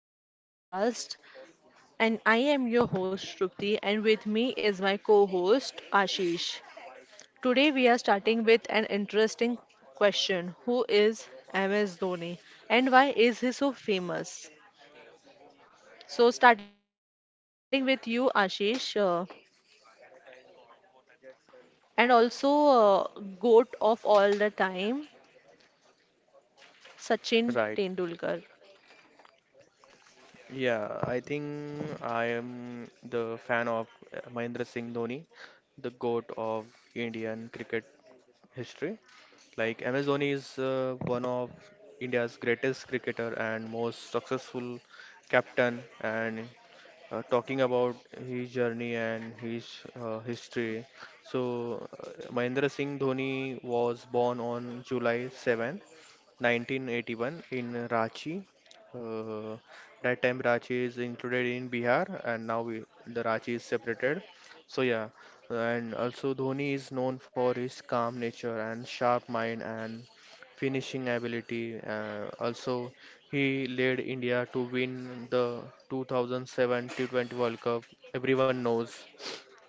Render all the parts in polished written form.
welcome to our podcast. And I am your host, Shrupti, and with me is my co host, Ashish. Today, we are starting with an interesting question. Who is MS Dhoni, and why is he so famous? So, starting with you, Ashish, and also GOAT of all the time, Right. Sachin Tendulkar. Yeah, I think I am the fan of Mahendra Singh Dhoni, the GOAT of Indian cricket history. Like MS Dhoni is one of India's greatest cricketer and most successful captain. And talking about his journey and his history, so Mahendra Singh Dhoni was born on July 7, 1981 in Ranchi. Uh, that time Ranchi is included in Bihar, and now we, the Ranchi is separated. So yeah, and also Dhoni is known for his calm nature and sharp mind and finishing ability. Also, he led India to win the 2007 T20 World Cup. Everyone knows,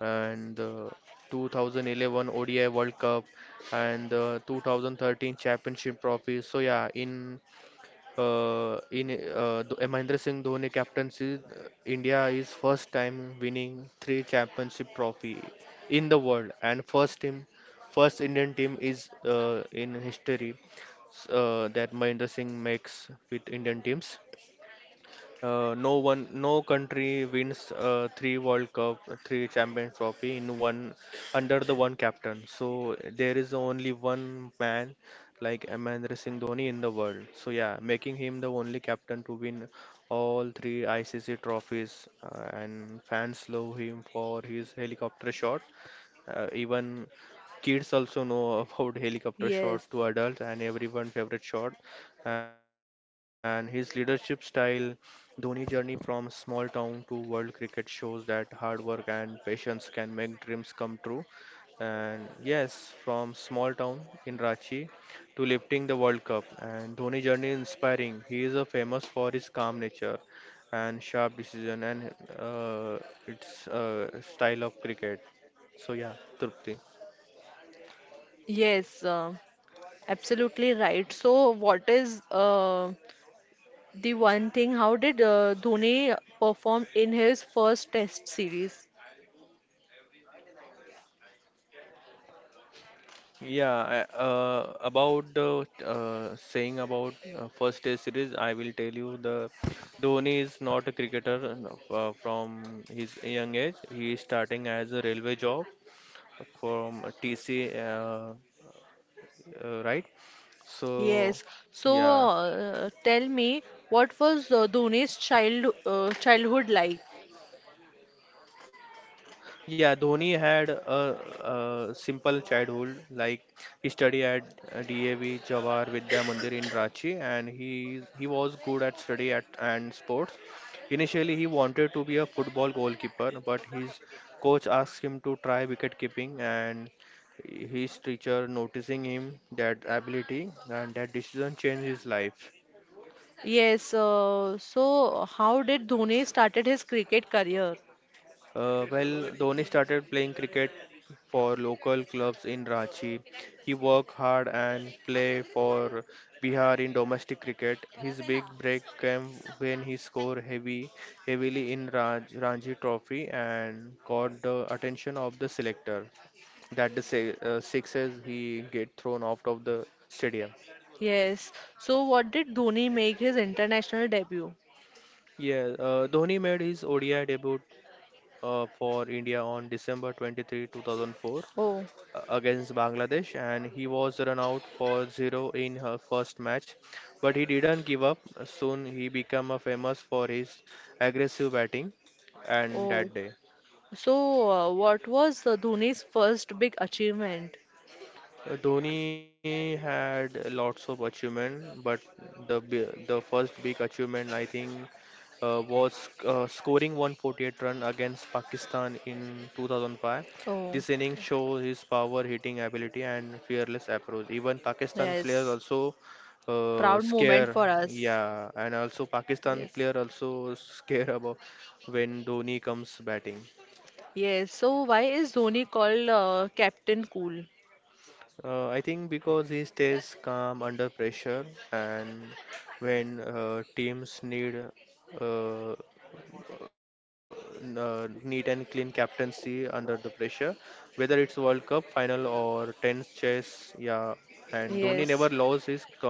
and the 2011 ODI World Cup and the 2013 Championship Trophy. So yeah, in the Mahendra Singh Dhoni captaincy, India is first time winning three championship trophy in the world, and first team, first Indian team is in history that Mahendra Singh makes with Indian teams. No one, no country wins three World Cup, three Champions Trophy in one under the one captain. So there is only one man like Mahendra Singh Dhoni in the world. So yeah, making him the only captain to win all three ICC trophies, and fans love him for his helicopter shot, even kids also know about helicopter shot Yes, to adults and everyone favorite shot. And his leadership style, Dhoni journey from small town to world cricket shows that hard work and patience can make dreams come true. And yes, from small town in Ranchi to lifting the World Cup. And Dhoni journey is inspiring. He is a famous for his calm nature and sharp decision and uh, its style of cricket. So yeah, Trupti. yes, absolutely right. So, what is the one thing: how did Dhoni perform in his first Test series? About the saying about first day series, I will tell you the Dhoni is not a cricketer from his young age. He is starting as a railway job from TC, right? So Yes. So yeah. Tell me, what was Dhoni's childhood like? Yeah, Dhoni had a simple childhood. Like he studied at DAV Jawahar Vidya Mandir in Ranchi, and he was good at study at and sports. Initially, he wanted to be a football goalkeeper, but his coach asked him to try wicket keeping, and his teacher noticing him that ability and that decision changed his life. Yes. So how did Dhoni started his cricket career? Well, Dhoni started playing cricket for local clubs in Ranchi. He worked hard and played for Bihar in domestic cricket. His big break came when he scored heavy, heavily in Ranji Trophy and caught the attention of the selector. That the se Sixes he get thrown out of the stadium. Yes. So what did Dhoni make his international debut? Yeah, Dhoni made his ODI debut for India on December 23, 2004, Oh, against Bangladesh, and he was run out for zero in her first match, but he didn't give up. Soon he became famous for his aggressive batting and oh. that day. So what was Dhoni's first big achievement? Dhoni had lots of achievement, but the first big achievement I think was scoring 148 run against Pakistan in 2005. Oh, This inning shows his power hitting ability and fearless approach. Even Pakistan yes. players also Proud moment scare, for us. yeah, and also Pakistan Yes. player also scare about when Dhoni comes batting. Yes, so why is Dhoni called Captain Cool? I think because he stays calm under pressure, and when teams need uh, neat and clean captaincy under the pressure, whether it's World Cup final or tense chess, yeah. And Dhoni Yes, never lost his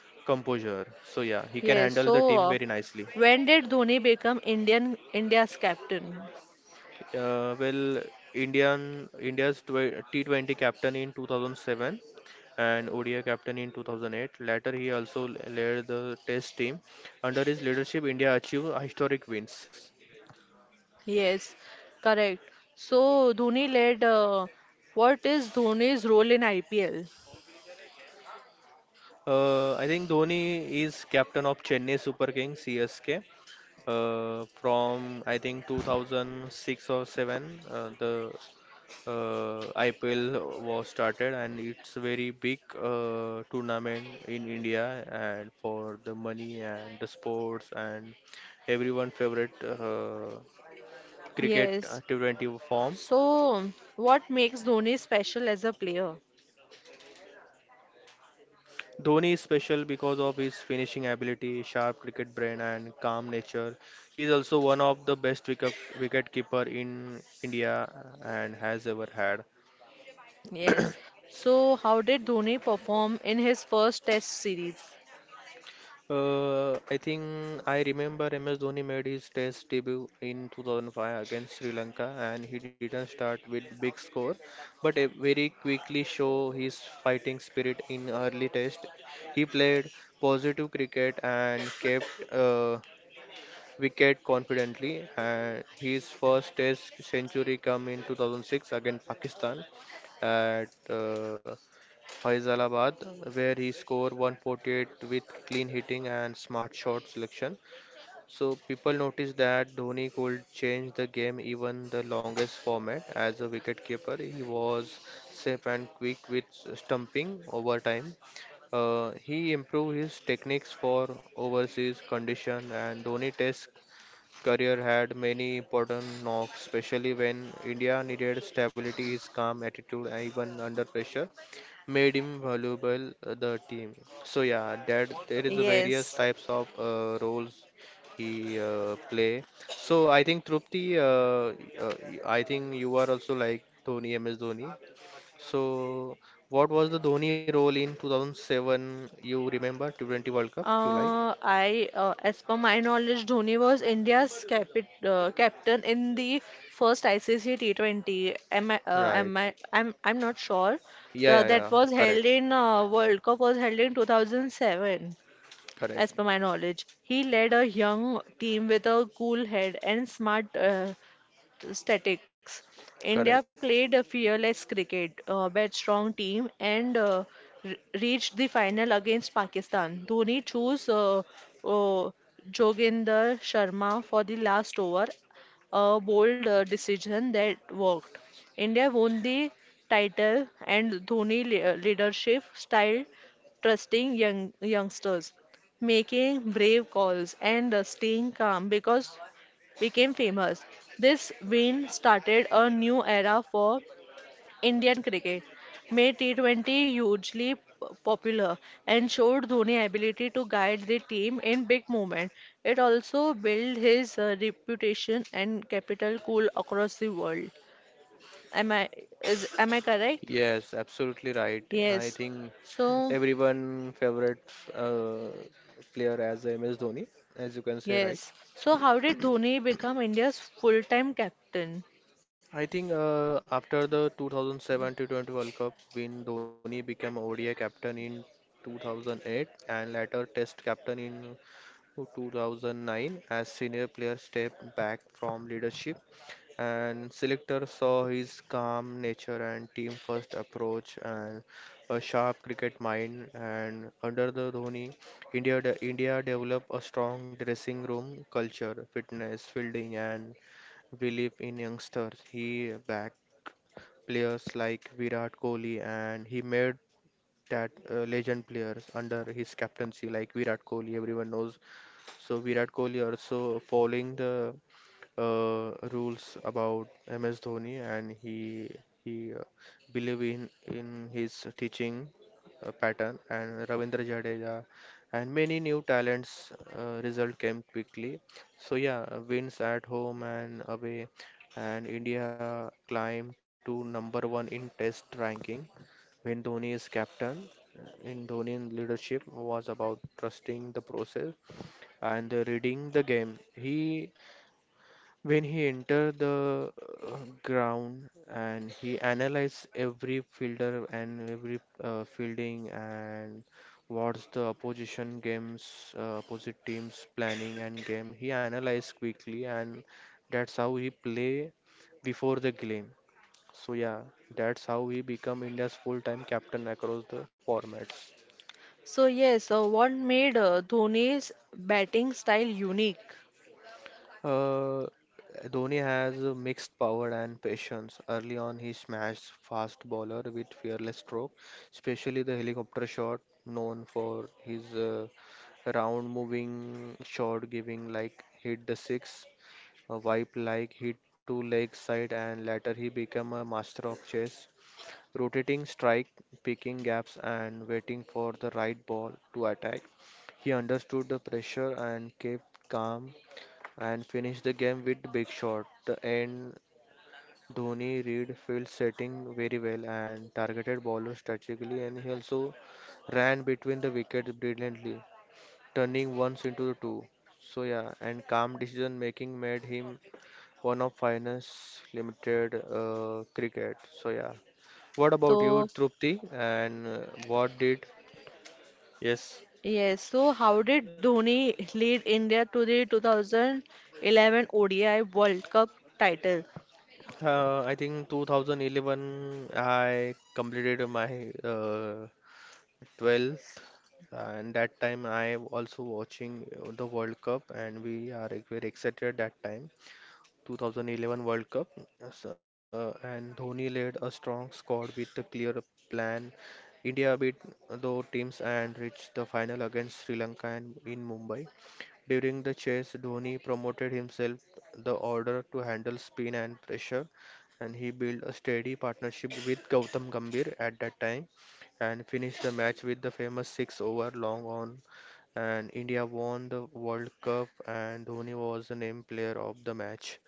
composure, so yeah, he can yes. handle the So team very nicely. when did Dhoni become Indian India's captain? Uh, well, Indian India's tw T20 captain in 2007 and ODI captain in 2008. Later, he also led the Test team. Under his leadership, India achieved historic wins. Yes, correct. So Dhoni led. What is Dhoni's role in IPL? I think Dhoni is captain of Chennai Super Kings CSK from I think 2006 or 7. The IPL was started and it's very big tournament in India and for the money and the sports and everyone favorite cricket Yes. T20 form. So what makes Dhoni special as a player? Dhoni is special because of his finishing ability, sharp cricket brain and calm nature. He is also one of the best wicket keeper in India and has ever had. Yes. So how did Dhoni perform in his first Test series? I think I remember MS Dhoni made his Test debut in 2005 against Sri Lanka, and he didn't start with big score, but very quickly show his fighting spirit in early Test. He played positive cricket and kept wicket confidently. And his first Test century come in 2006 against Pakistan at Faisalabad, where he scored 148 with clean hitting and smart shot selection. So people noticed that Dhoni could change the game even the longest format. As a wicketkeeper, he was safe and quick with stumping over time. He improved his techniques for overseas condition, and Dhoni test career had many important knocks, especially when India needed stability. His calm attitude, and even under pressure, made him valuable the team. So yeah, that there is a various Yes. types of roles he play. So I think Trupti, uh, I think you are also like Dhoni, MS Dhoni. So, what was the Dhoni role in 2007? You remember T20 World Cup? You like? As per my knowledge, Dhoni was India's capit captain in the first ICC T20. Am I? Uh, Right. am I? I'm not sure. Yeah, yeah, The, yeah. that was Correct. held in World Cup was held in 2007, Correct. as per my knowledge. He led a young team with a cool head and smart statics. India Correct. played a fearless cricket, but strong team, and re- reached the final against Pakistan. Dhoni chose uh, Joginder Sharma for the last over, a bold decision that worked. India won the title, and Dhoni leadership style, trusting youngsters, making brave calls, and staying calm, because became famous. This win started a new era for Indian cricket, made T20 hugely popular, and showed Dhoni's ability to guide the team in big moments. It also built his reputation and capital cool across the world. Am I am I correct? Yes, absolutely right. I Yes. think So everyone favorite player as MS Dhoni, as you can say, right? yes. So how did Dhoni become India's full-time captain? I think after the 2007 T20 World Cup win, Dhoni became ODI captain in 2008 and later Test captain in to 2009 as senior player stepped back from leadership, and selector saw his calm nature and team first approach and a sharp cricket mind. And under the Dhoni, India developed a strong dressing room culture, fitness, fielding and belief in youngsters. He backed players like Virat Kohli, and he made that legend players under his captaincy like Virat Kohli everyone knows. So Virat Kohli also following the rules about MS Dhoni, and he believe in his teaching pattern. And Ravindra Jadeja and many new talents result came quickly. So yeah, wins at home and away, and India climbed to number one in Test ranking when Dhoni is captain. In Dhoni leadership was about trusting the process and reading the game. He, when he entered the uh, ground and he analyzed every fielder and every fielding and what's the opposition games, opposite teams planning and game. He analyzed quickly, and that's how he play before the game. So yeah, that's how he become India's full-time captain across the formats. So yes, what made Dhoni's batting style unique? Uh, Dhoni has a mixed power and patience. Early on, he smashed fast bowler with fearless stroke, especially the helicopter shot, known for his round moving shot giving like hit the six, a wipe like hit to leg side, and later he became a master of chess, rotating strike, picking gaps, and waiting for the right ball to attack. He understood the pressure and kept calm and finished the game with big shot. The end, Dhoni read field setting very well and targeted bowlers strategically, and he also ran between the wickets brilliantly, turning ones into the two. So yeah, and calm decision making made him one of finance limited cricket. So yeah. What about you, So Trupti? And what did? Yes. yes, so how did Dhoni lead India to the 2011 ODI World Cup title? I think 2011 I completed my 12th, and that time I also watching the World Cup, and we are very excited that time. 2011 World Cup, and Dhoni led a strong squad with a clear plan. India beat the teams and reached the final against Sri Lanka and in Mumbai. During the chase, Dhoni promoted himself the order to handle spin and pressure, and he built a steady partnership with Gautam Gambhir at that time and finished the match with the famous six over long on, and India won the World Cup, and Dhoni was the named player of the match.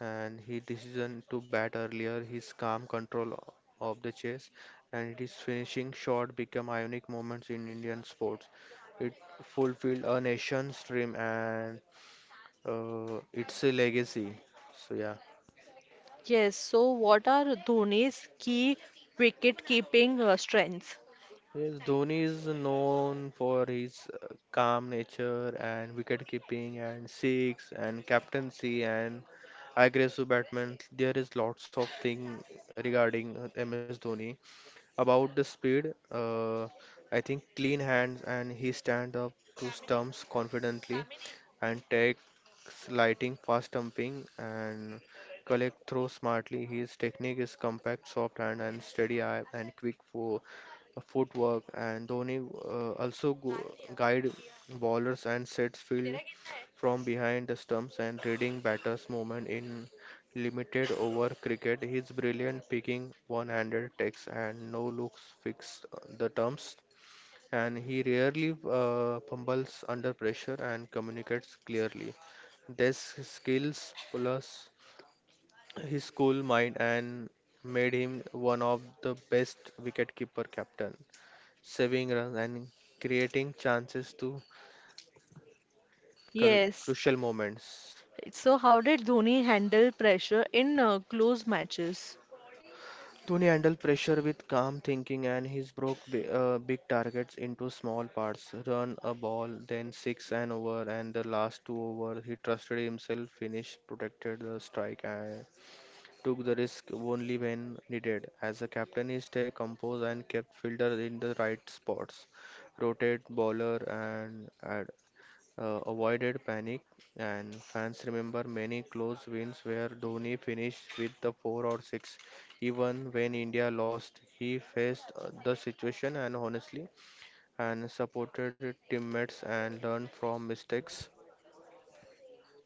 And his decision to bat earlier, his calm control of the chase, and his finishing shot become iconic moments in Indian sports. It fulfilled a nation's dream and it's a legacy. So yeah. Yes, so what are Dhoni's key wicket-keeping strengths? Yes, Dhoni is known for his uh, calm nature and wicket keeping and six and captaincy and aggressive batman. There is lots of thing regarding MS Dhoni. About the speed, I think clean hands and he stand up to stumps confidently and takes lighting fast stumping and collect throw smartly. His technique is compact, soft hand and steady eye and quick for footwork. And Dhoni also guide bowlers and sets field from behind the stumps and reading batters' movement in limited over cricket, his brilliant picking, one-handed takes and no-looks fix the terms, and he rarely fumbles under pressure and communicates clearly. These skills plus his cool mind and made him one of the best wicketkeeper captain, saving runs and creating chances to Yes, crucial moments. so how did Dhoni handle pressure in close matches? Tony handled pressure with calm thinking, and he broke big targets into small parts. Run a ball, then six and over, and the last two over. He trusted himself, finished, protected the strike, and took the risk only when needed. As a captain, he stayed composed and kept fielder in the right spots, rotate bowler, and avoided panic, and fans remember many close wins where Dhoni finished with the 4 or 6. Even when India lost, he faced the situation and honestly and supported teammates and learned from mistakes.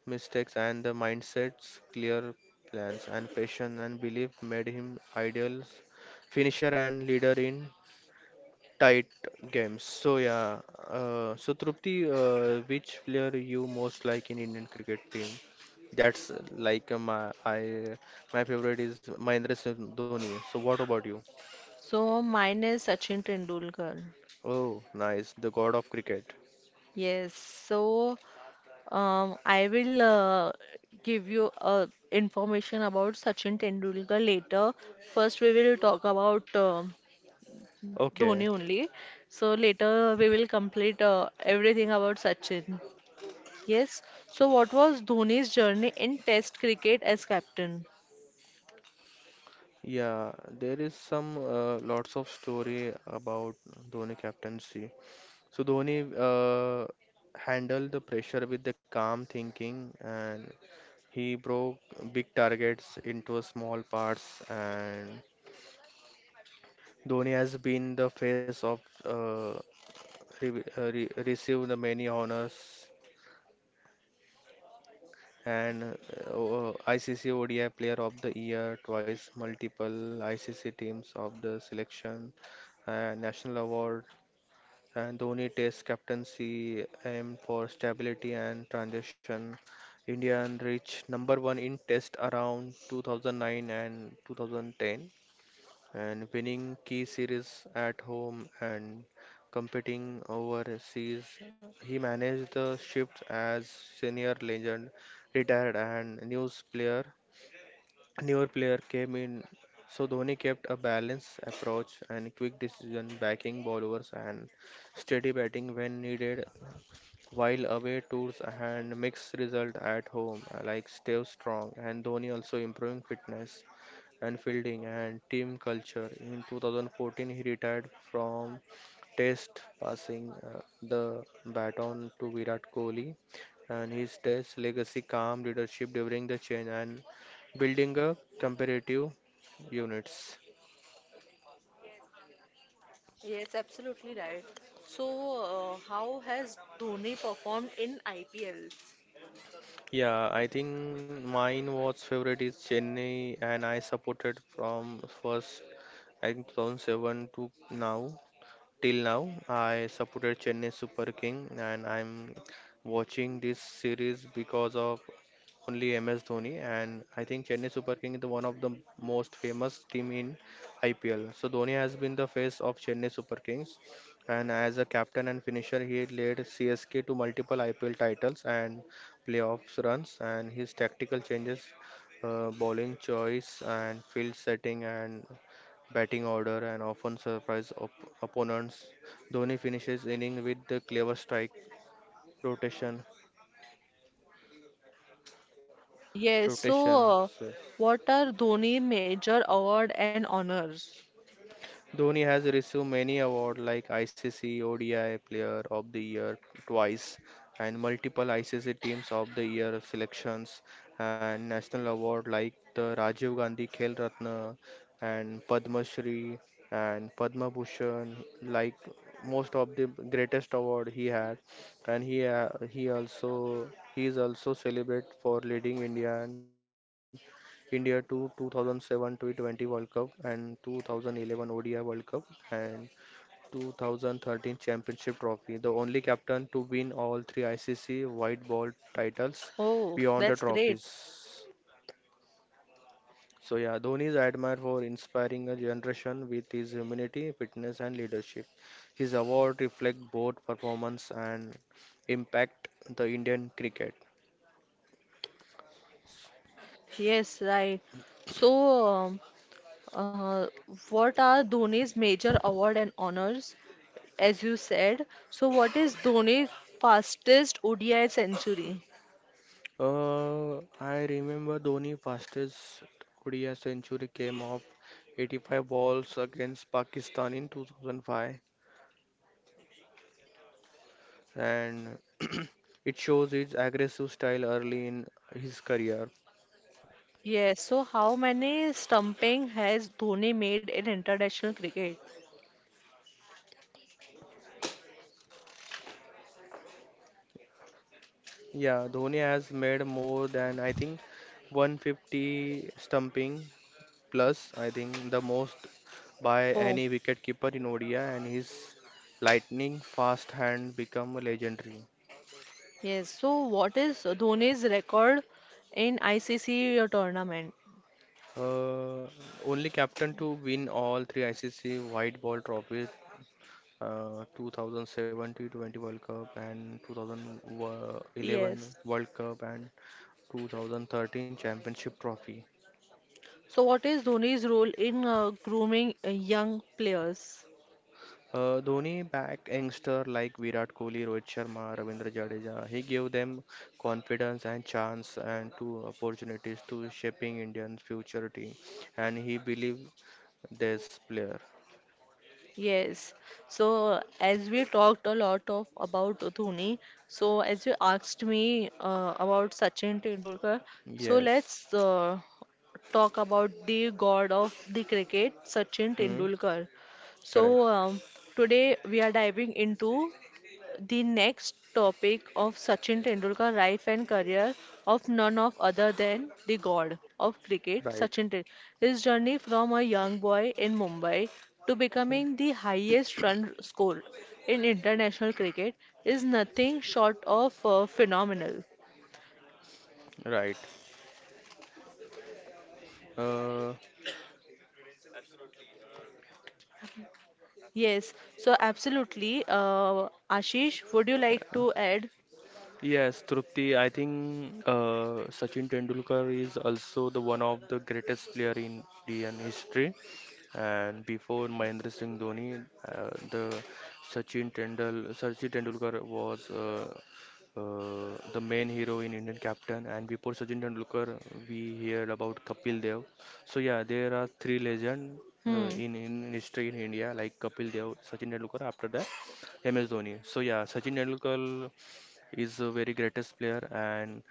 Mistakes and the mindsets, clear plans and passion and belief made him ideal finisher and leader in tight games. So yeah, so Trupti, which player you most like in Indian cricket team? That's like my favorite is Mahendra Singh Dhoni. So what about you? So mine is Sachin Tendulkar. Oh, nice, the god of cricket. Yes, so I will give you information about Sachin Tendulkar later. First, we will talk about Okay, Dhoni only. So later we will complete everything about Sachin. Yes. So what was Dhoni's journey in Test cricket as captain? yeah, there is some lots of story about Dhoni captaincy. So Dhoni uh, handled the pressure with the calm thinking, and he broke big targets into small parts. And Dhoni has been the face of received the many honors and ICC ODI Player of the Year twice, multiple ICC teams of the selection, national award. And Dhoni Test captaincy aimed for stability and transition. India reached number one in Test around 2009 and 2010, and winning key series at home and competing overseas. He managed the shift as senior legend retired and news player newer player came in. So Dhoni kept a balanced approach and quick decision, backing bowlers and steady batting when needed. While away tours and mixed result at home, like Steve Strong and Dhoni also improving fitness and fielding and team culture. In 2014, he retired from Test, passing the baton to Virat Kohli, and his Test legacy calm leadership during the change and building a comparative units. Yes, absolutely right. So how has Dhoni performed in IPLs? Yeah, I think mine was favorite is Chennai, and I supported from first I think 2007 to now, till now, I supported Chennai Super King, and I'm watching this series because of only MS Dhoni, and I think Chennai Super King is the one of the most famous team in IPL. So Dhoni has been the face of Chennai Super Kings, and as a captain and finisher, he led CSK to multiple IPL titles and playoffs runs, and his tactical changes, bowling choice, and field setting, and batting order and often surprise opponents. Dhoni finishes inning with the clever strike rotation, Yes. rotation. So So. what are Dhoni major award and honors? Dhoni has received many awards like ICC ODI Player of the Year twice and multiple ICC Teams of the Year selections and national award like the Rajiv Gandhi Khel Ratna and Padma Shri and Padma Bhushan, like most of the greatest award he had. And he is also celebrated for leading India to 2007 to 20 World Cup and 2011 ODI World Cup and 2013 Championship Trophy, the only captain to win all three ICC white ball titles Oh, beyond the that's great. trophies. So yeah, Dhoni is admired for inspiring a generation with his humility, fitness, and leadership. His award reflect both performance and impact the Indian cricket. Yes, right. So, um, uh, what are Dhoni's major award and honors, as you said? So, what is Dhoni's fastest ODI century? I remember Dhoni's fastest ODI century came off 85 balls against Pakistan in 2005, and it shows his aggressive style early in his career. Yes, so how many stumping has Dhoni made in international cricket? Yeah, Dhoni has made more than I think 150 stumping plus, I think the most by Oh, any wicketkeeper in ODI, and his lightning fast hand become legendary. yes. So, what is Dhoni's record in ICC tournament? Uh, Only captain to win all three ICC white ball trophies, 2007 to 20 World Cup and Yes. 2011 World Cup and 2013 Championship Trophy. So, what is Dhoni's role in grooming young players? Dhoni back youngster like Virat Kohli, Rohit Sharma, Ravindra Jadeja. He gave them confidence and chance and two opportunities to shaping Indian's future team. And he believed this player. Yes. So, as we talked a lot of about Dhoni, so as you asked me about Sachin Tendulkar, so Yes. let's talk about the god of the cricket, Sachin Hmm, Tendulkar. correct. So today we are diving into the next topic of Sachin Tendulkar life and career, of none of other than the god of cricket, Right. Sachin Tendulkar. His journey from a young boy in Mumbai to Hmm. becoming the highest run scorer in international cricket is nothing short of phenomenal. Right. Uh, Yes, so absolutely. Ashish, would you like to add? Yes, Trupti, I think Sachin Tendulkar is also the one of the greatest player in Indian history. And before Mahendra Singh Dhoni, the Sachin Tendulkar was the main hero in Indian captain. And before Sachin Tendulkar, we heard about Kapil Dev. So yeah, there are three legends Hmm. in history in India, like Kapil Dev, Sachin Tendulkar. After that, MS Dhoni. So yeah, Sachin Tendulkar is a very greatest player, and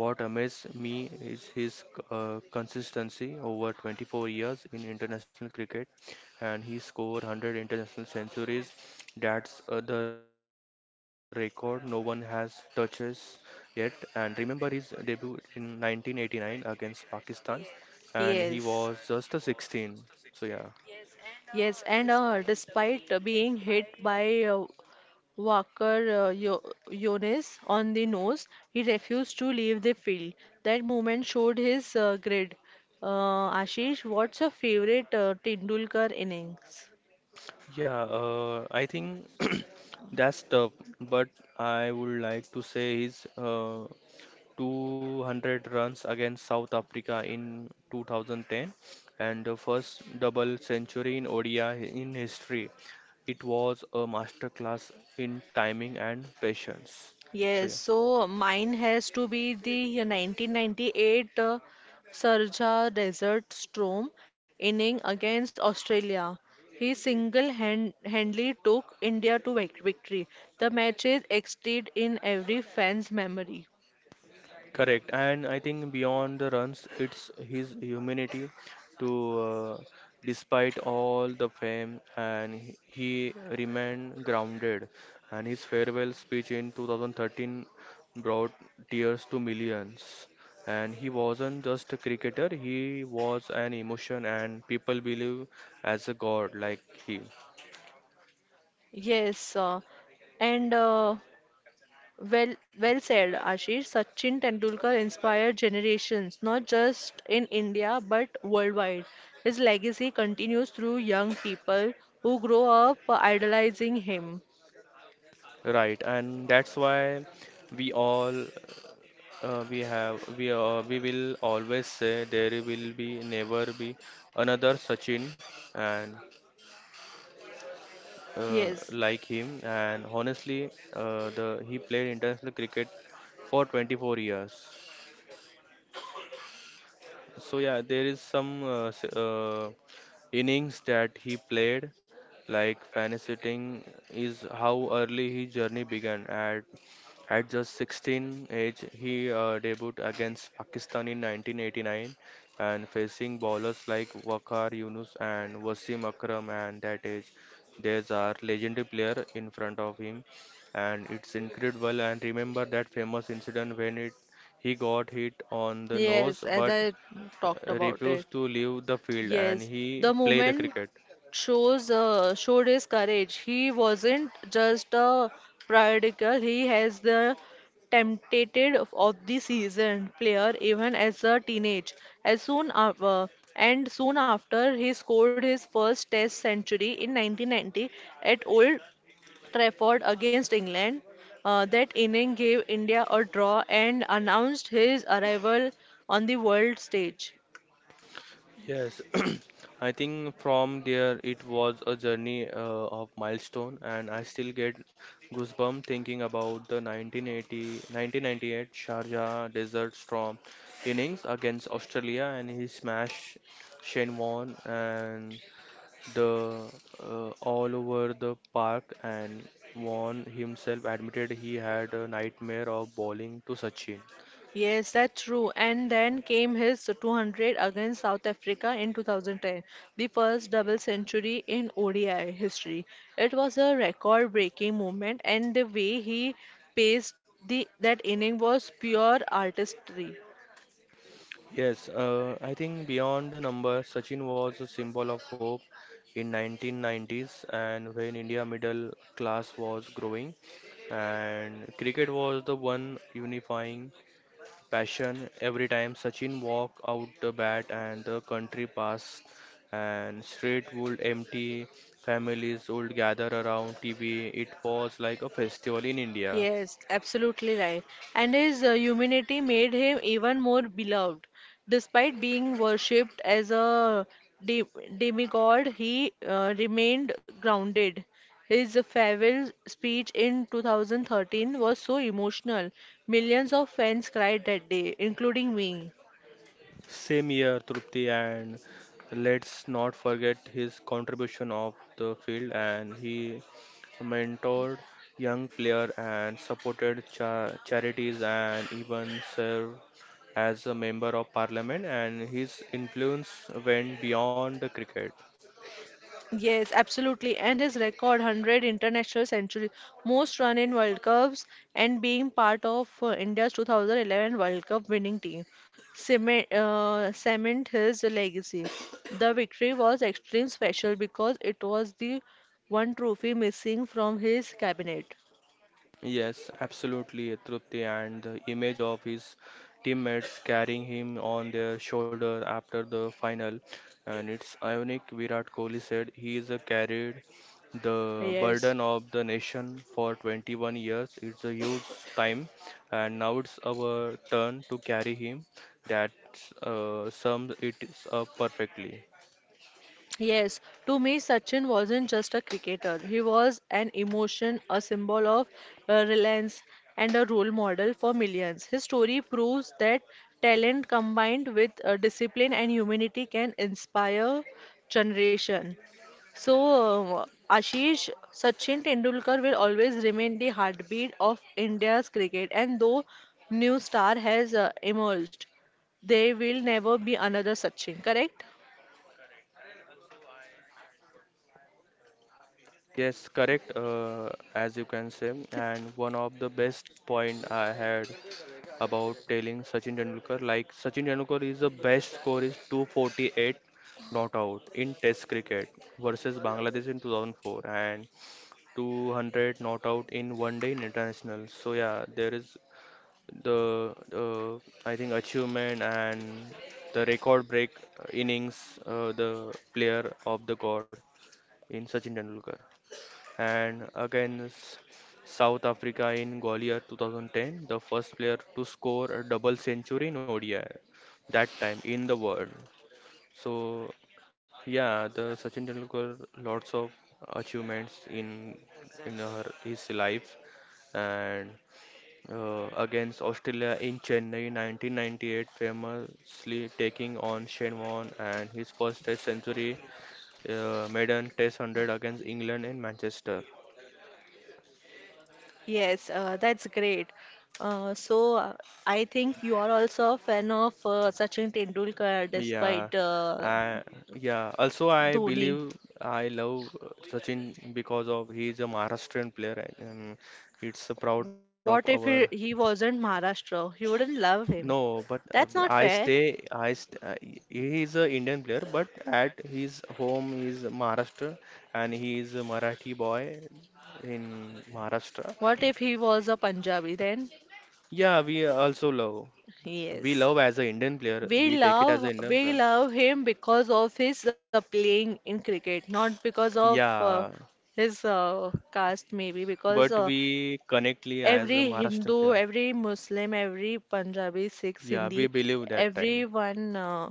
what amazed me is his consistency over 24 years in international cricket, and he scored 100 international centuries. That's the record no one has touches yet. And remember his debut in 1989 against Pakistan, Yes. and he was just a 16. So yeah, Yes, and despite being hit by Walker Yo Yones on the nose, he refused to leave the field. That moment showed his grit. Ashish, what's your favorite Tendulkar innings? yeah, I think that's tough, but I would like to say his, 200 runs against South Africa in 2010 and the first double century in ODI in history. It was a masterclass in timing and patience. So Yes, yeah. so mine has to be the 1998 Sharjah Desert Storm inning against Australia. He single-handedly took India to victory. The match is etched in every fan's memory. Correct, and I think beyond the runs, it's his humanity to, despite all the fame. And he remained grounded. And his farewell speech in 2013 brought tears to millions. And he wasn't just a cricketer; he was an emotion, and people believe as a god like he. Yes, and well, well said, Ashish. Sachin Tendulkar inspired generations, not just in India but worldwide. His legacy continues through young people who grow up idolizing him. Right, and that's why we all we have we will always say there will be never be another Sachin, and Yes. like him, and honestly the he played international cricket for 24 years. So yeah, there is some innings that he played, like fanny is how early his journey began. At just 16 age, he debuted against Pakistan in 1989 and facing bowlers like Waqar Yunus and Wasim Akram. And that age, there's our legendary player in front of him, and it's incredible. And remember that famous incident when it he got hit on the nose, Yes, as but I talked about it. refused to leave the field and Yes, he the played the movement cricket. shows showed his courage. He wasn't just a prodigal. He has the tempted of the season player, even as a teenage. As soon after, and soon after he scored his first Test century in 1990 at Old Trafford against England. That inning gave India a draw and announced his arrival on the world stage. Yes, I think from there it was a journey of milestone. And I still get goosebumps thinking about the 1980 1998 Sharjah Desert Storm innings against Australia, and he smashed Shane Warne and the all over the park, and Warne himself admitted he had a nightmare of bowling to Sachin. Yes, that's true. And then came his 200 against South Africa in 2010, the first double century in ODI history. It was a record-breaking moment, and the way he paced that inning was pure artistry. Yes, I think beyond the number, Sachin was a symbol of hope in 1990s, and when India middle class was growing and cricket was the one unifying passion, every time Sachin walked out the bat and the country passed, and street would empty, families would gather around TV. It was like a festival in India. Yes, absolutely right. And his humanity made him even more beloved. Despite being worshipped as a de demigod, he remained grounded. His farewell speech in 2013 was so emotional. Millions of fans cried that day, including me. Same year, Trupti, and let's not forget his contribution of the field. And he mentored young player and supported charities and even served as a member of parliament. And his influence went beyond the cricket. Yes, absolutely. And his record 100 international centuries, most run in World Cups, and being part of India's 2011 World Cup winning team cement his legacy. The victory was extremely special because it was the one trophy missing from his cabinet. Yes, absolutely, Trupti, and the image of his teammates carrying him on their shoulder after the final. And it's ironic, Virat Kohli said he is a carried the burden of the nation for 21 years. It's a huge time, and now it's our turn to carry him. That sums it up perfectly. Yes, to me, Sachin wasn't just a cricketer. He was an emotion, a symbol of reliance, and a role model for millions. His story proves that talent combined with discipline and humanity can inspire generation. So, Ashish, Sachin Tendulkar will always remain the heartbeat of India's cricket, and though new star has emerged, there will never be another Sachin. Correct? Yes, correct, as you can say, and one of the best point I had about telling Sachin Tendulkar. Like Sachin Tendulkar is the best score is 248 not out in Test cricket versus Bangladesh in 2004 and 200 not out in one day in international. So yeah, there is the I think achievement and the record break innings, the player of the god in Sachin Tendulkar, and against South Africa in Gwalior 2010, the first player to score a double century in ODI that time in the world. So yeah, the Sachin Tendulkar lots of achievements in his life, and against Australia in Chennai 1998, famously taking on Shane Warne and his first Test century, maiden Test 100 against England in Manchester. Yes, that's great. So I think you are also a fan of Sachin Tendulkar Yeah, right? despite I Yeah. Also, I Dhoni. believe I love Sachin because of he is a Maharashtrian player, and it's a proud, no, of our. What if he wasn't Maharashtra? You wouldn't Lahore. love No, him. but that's not I That's right. not fair. Stay. I st He is a Indian player, but at his home is Maharashtra, and he is a Marathi boy in Maharashtra. What if he was a Punjabi then? Yeah, we also love. We Yes. love as an Indian player. We We take it as an love Indian we player. love him because of his playing in cricket, not because of Yeah, his caste, maybe. Because but we connectly as a every Maharashtrian Hindu, player. every Muslim, every Punjabi, Sikh, Yeah, so Sindhi, we believe that time. everyone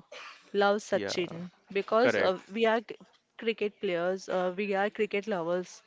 loves Yeah, Sachin, because correct. we are cricket players, we are cricket lovers,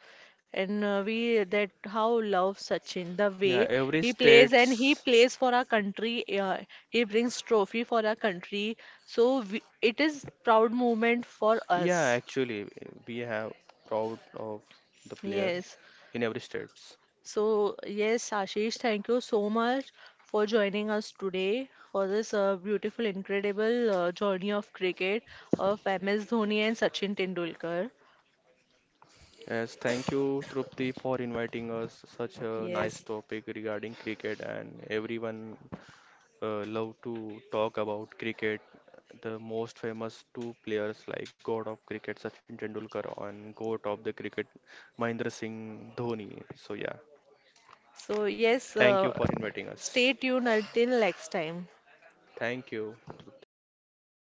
and we that how love Sachin the Yeah, way every he plays, and he states. plays for our country. He brings trophy for our country, so it is proud moment for Yeah, us. actually, we have proud of the player Yes. in every states. So, yes, Ashish, thank you so much for joining us today for this beautiful, incredible journey of cricket of MS Dhoni and Sachin Tendulkar. Yes, thank you, Trupti, for inviting us. Such a nice Yes. topic regarding cricket, and everyone love to talk about cricket. The most famous two players like God of Cricket Sachin Tendulkar and GOAT of the cricket Mahendra Singh Dhoni. So yeah, So, yes, thank you for inviting us. stay tuned until next time. Thank you, Trupti. कितनी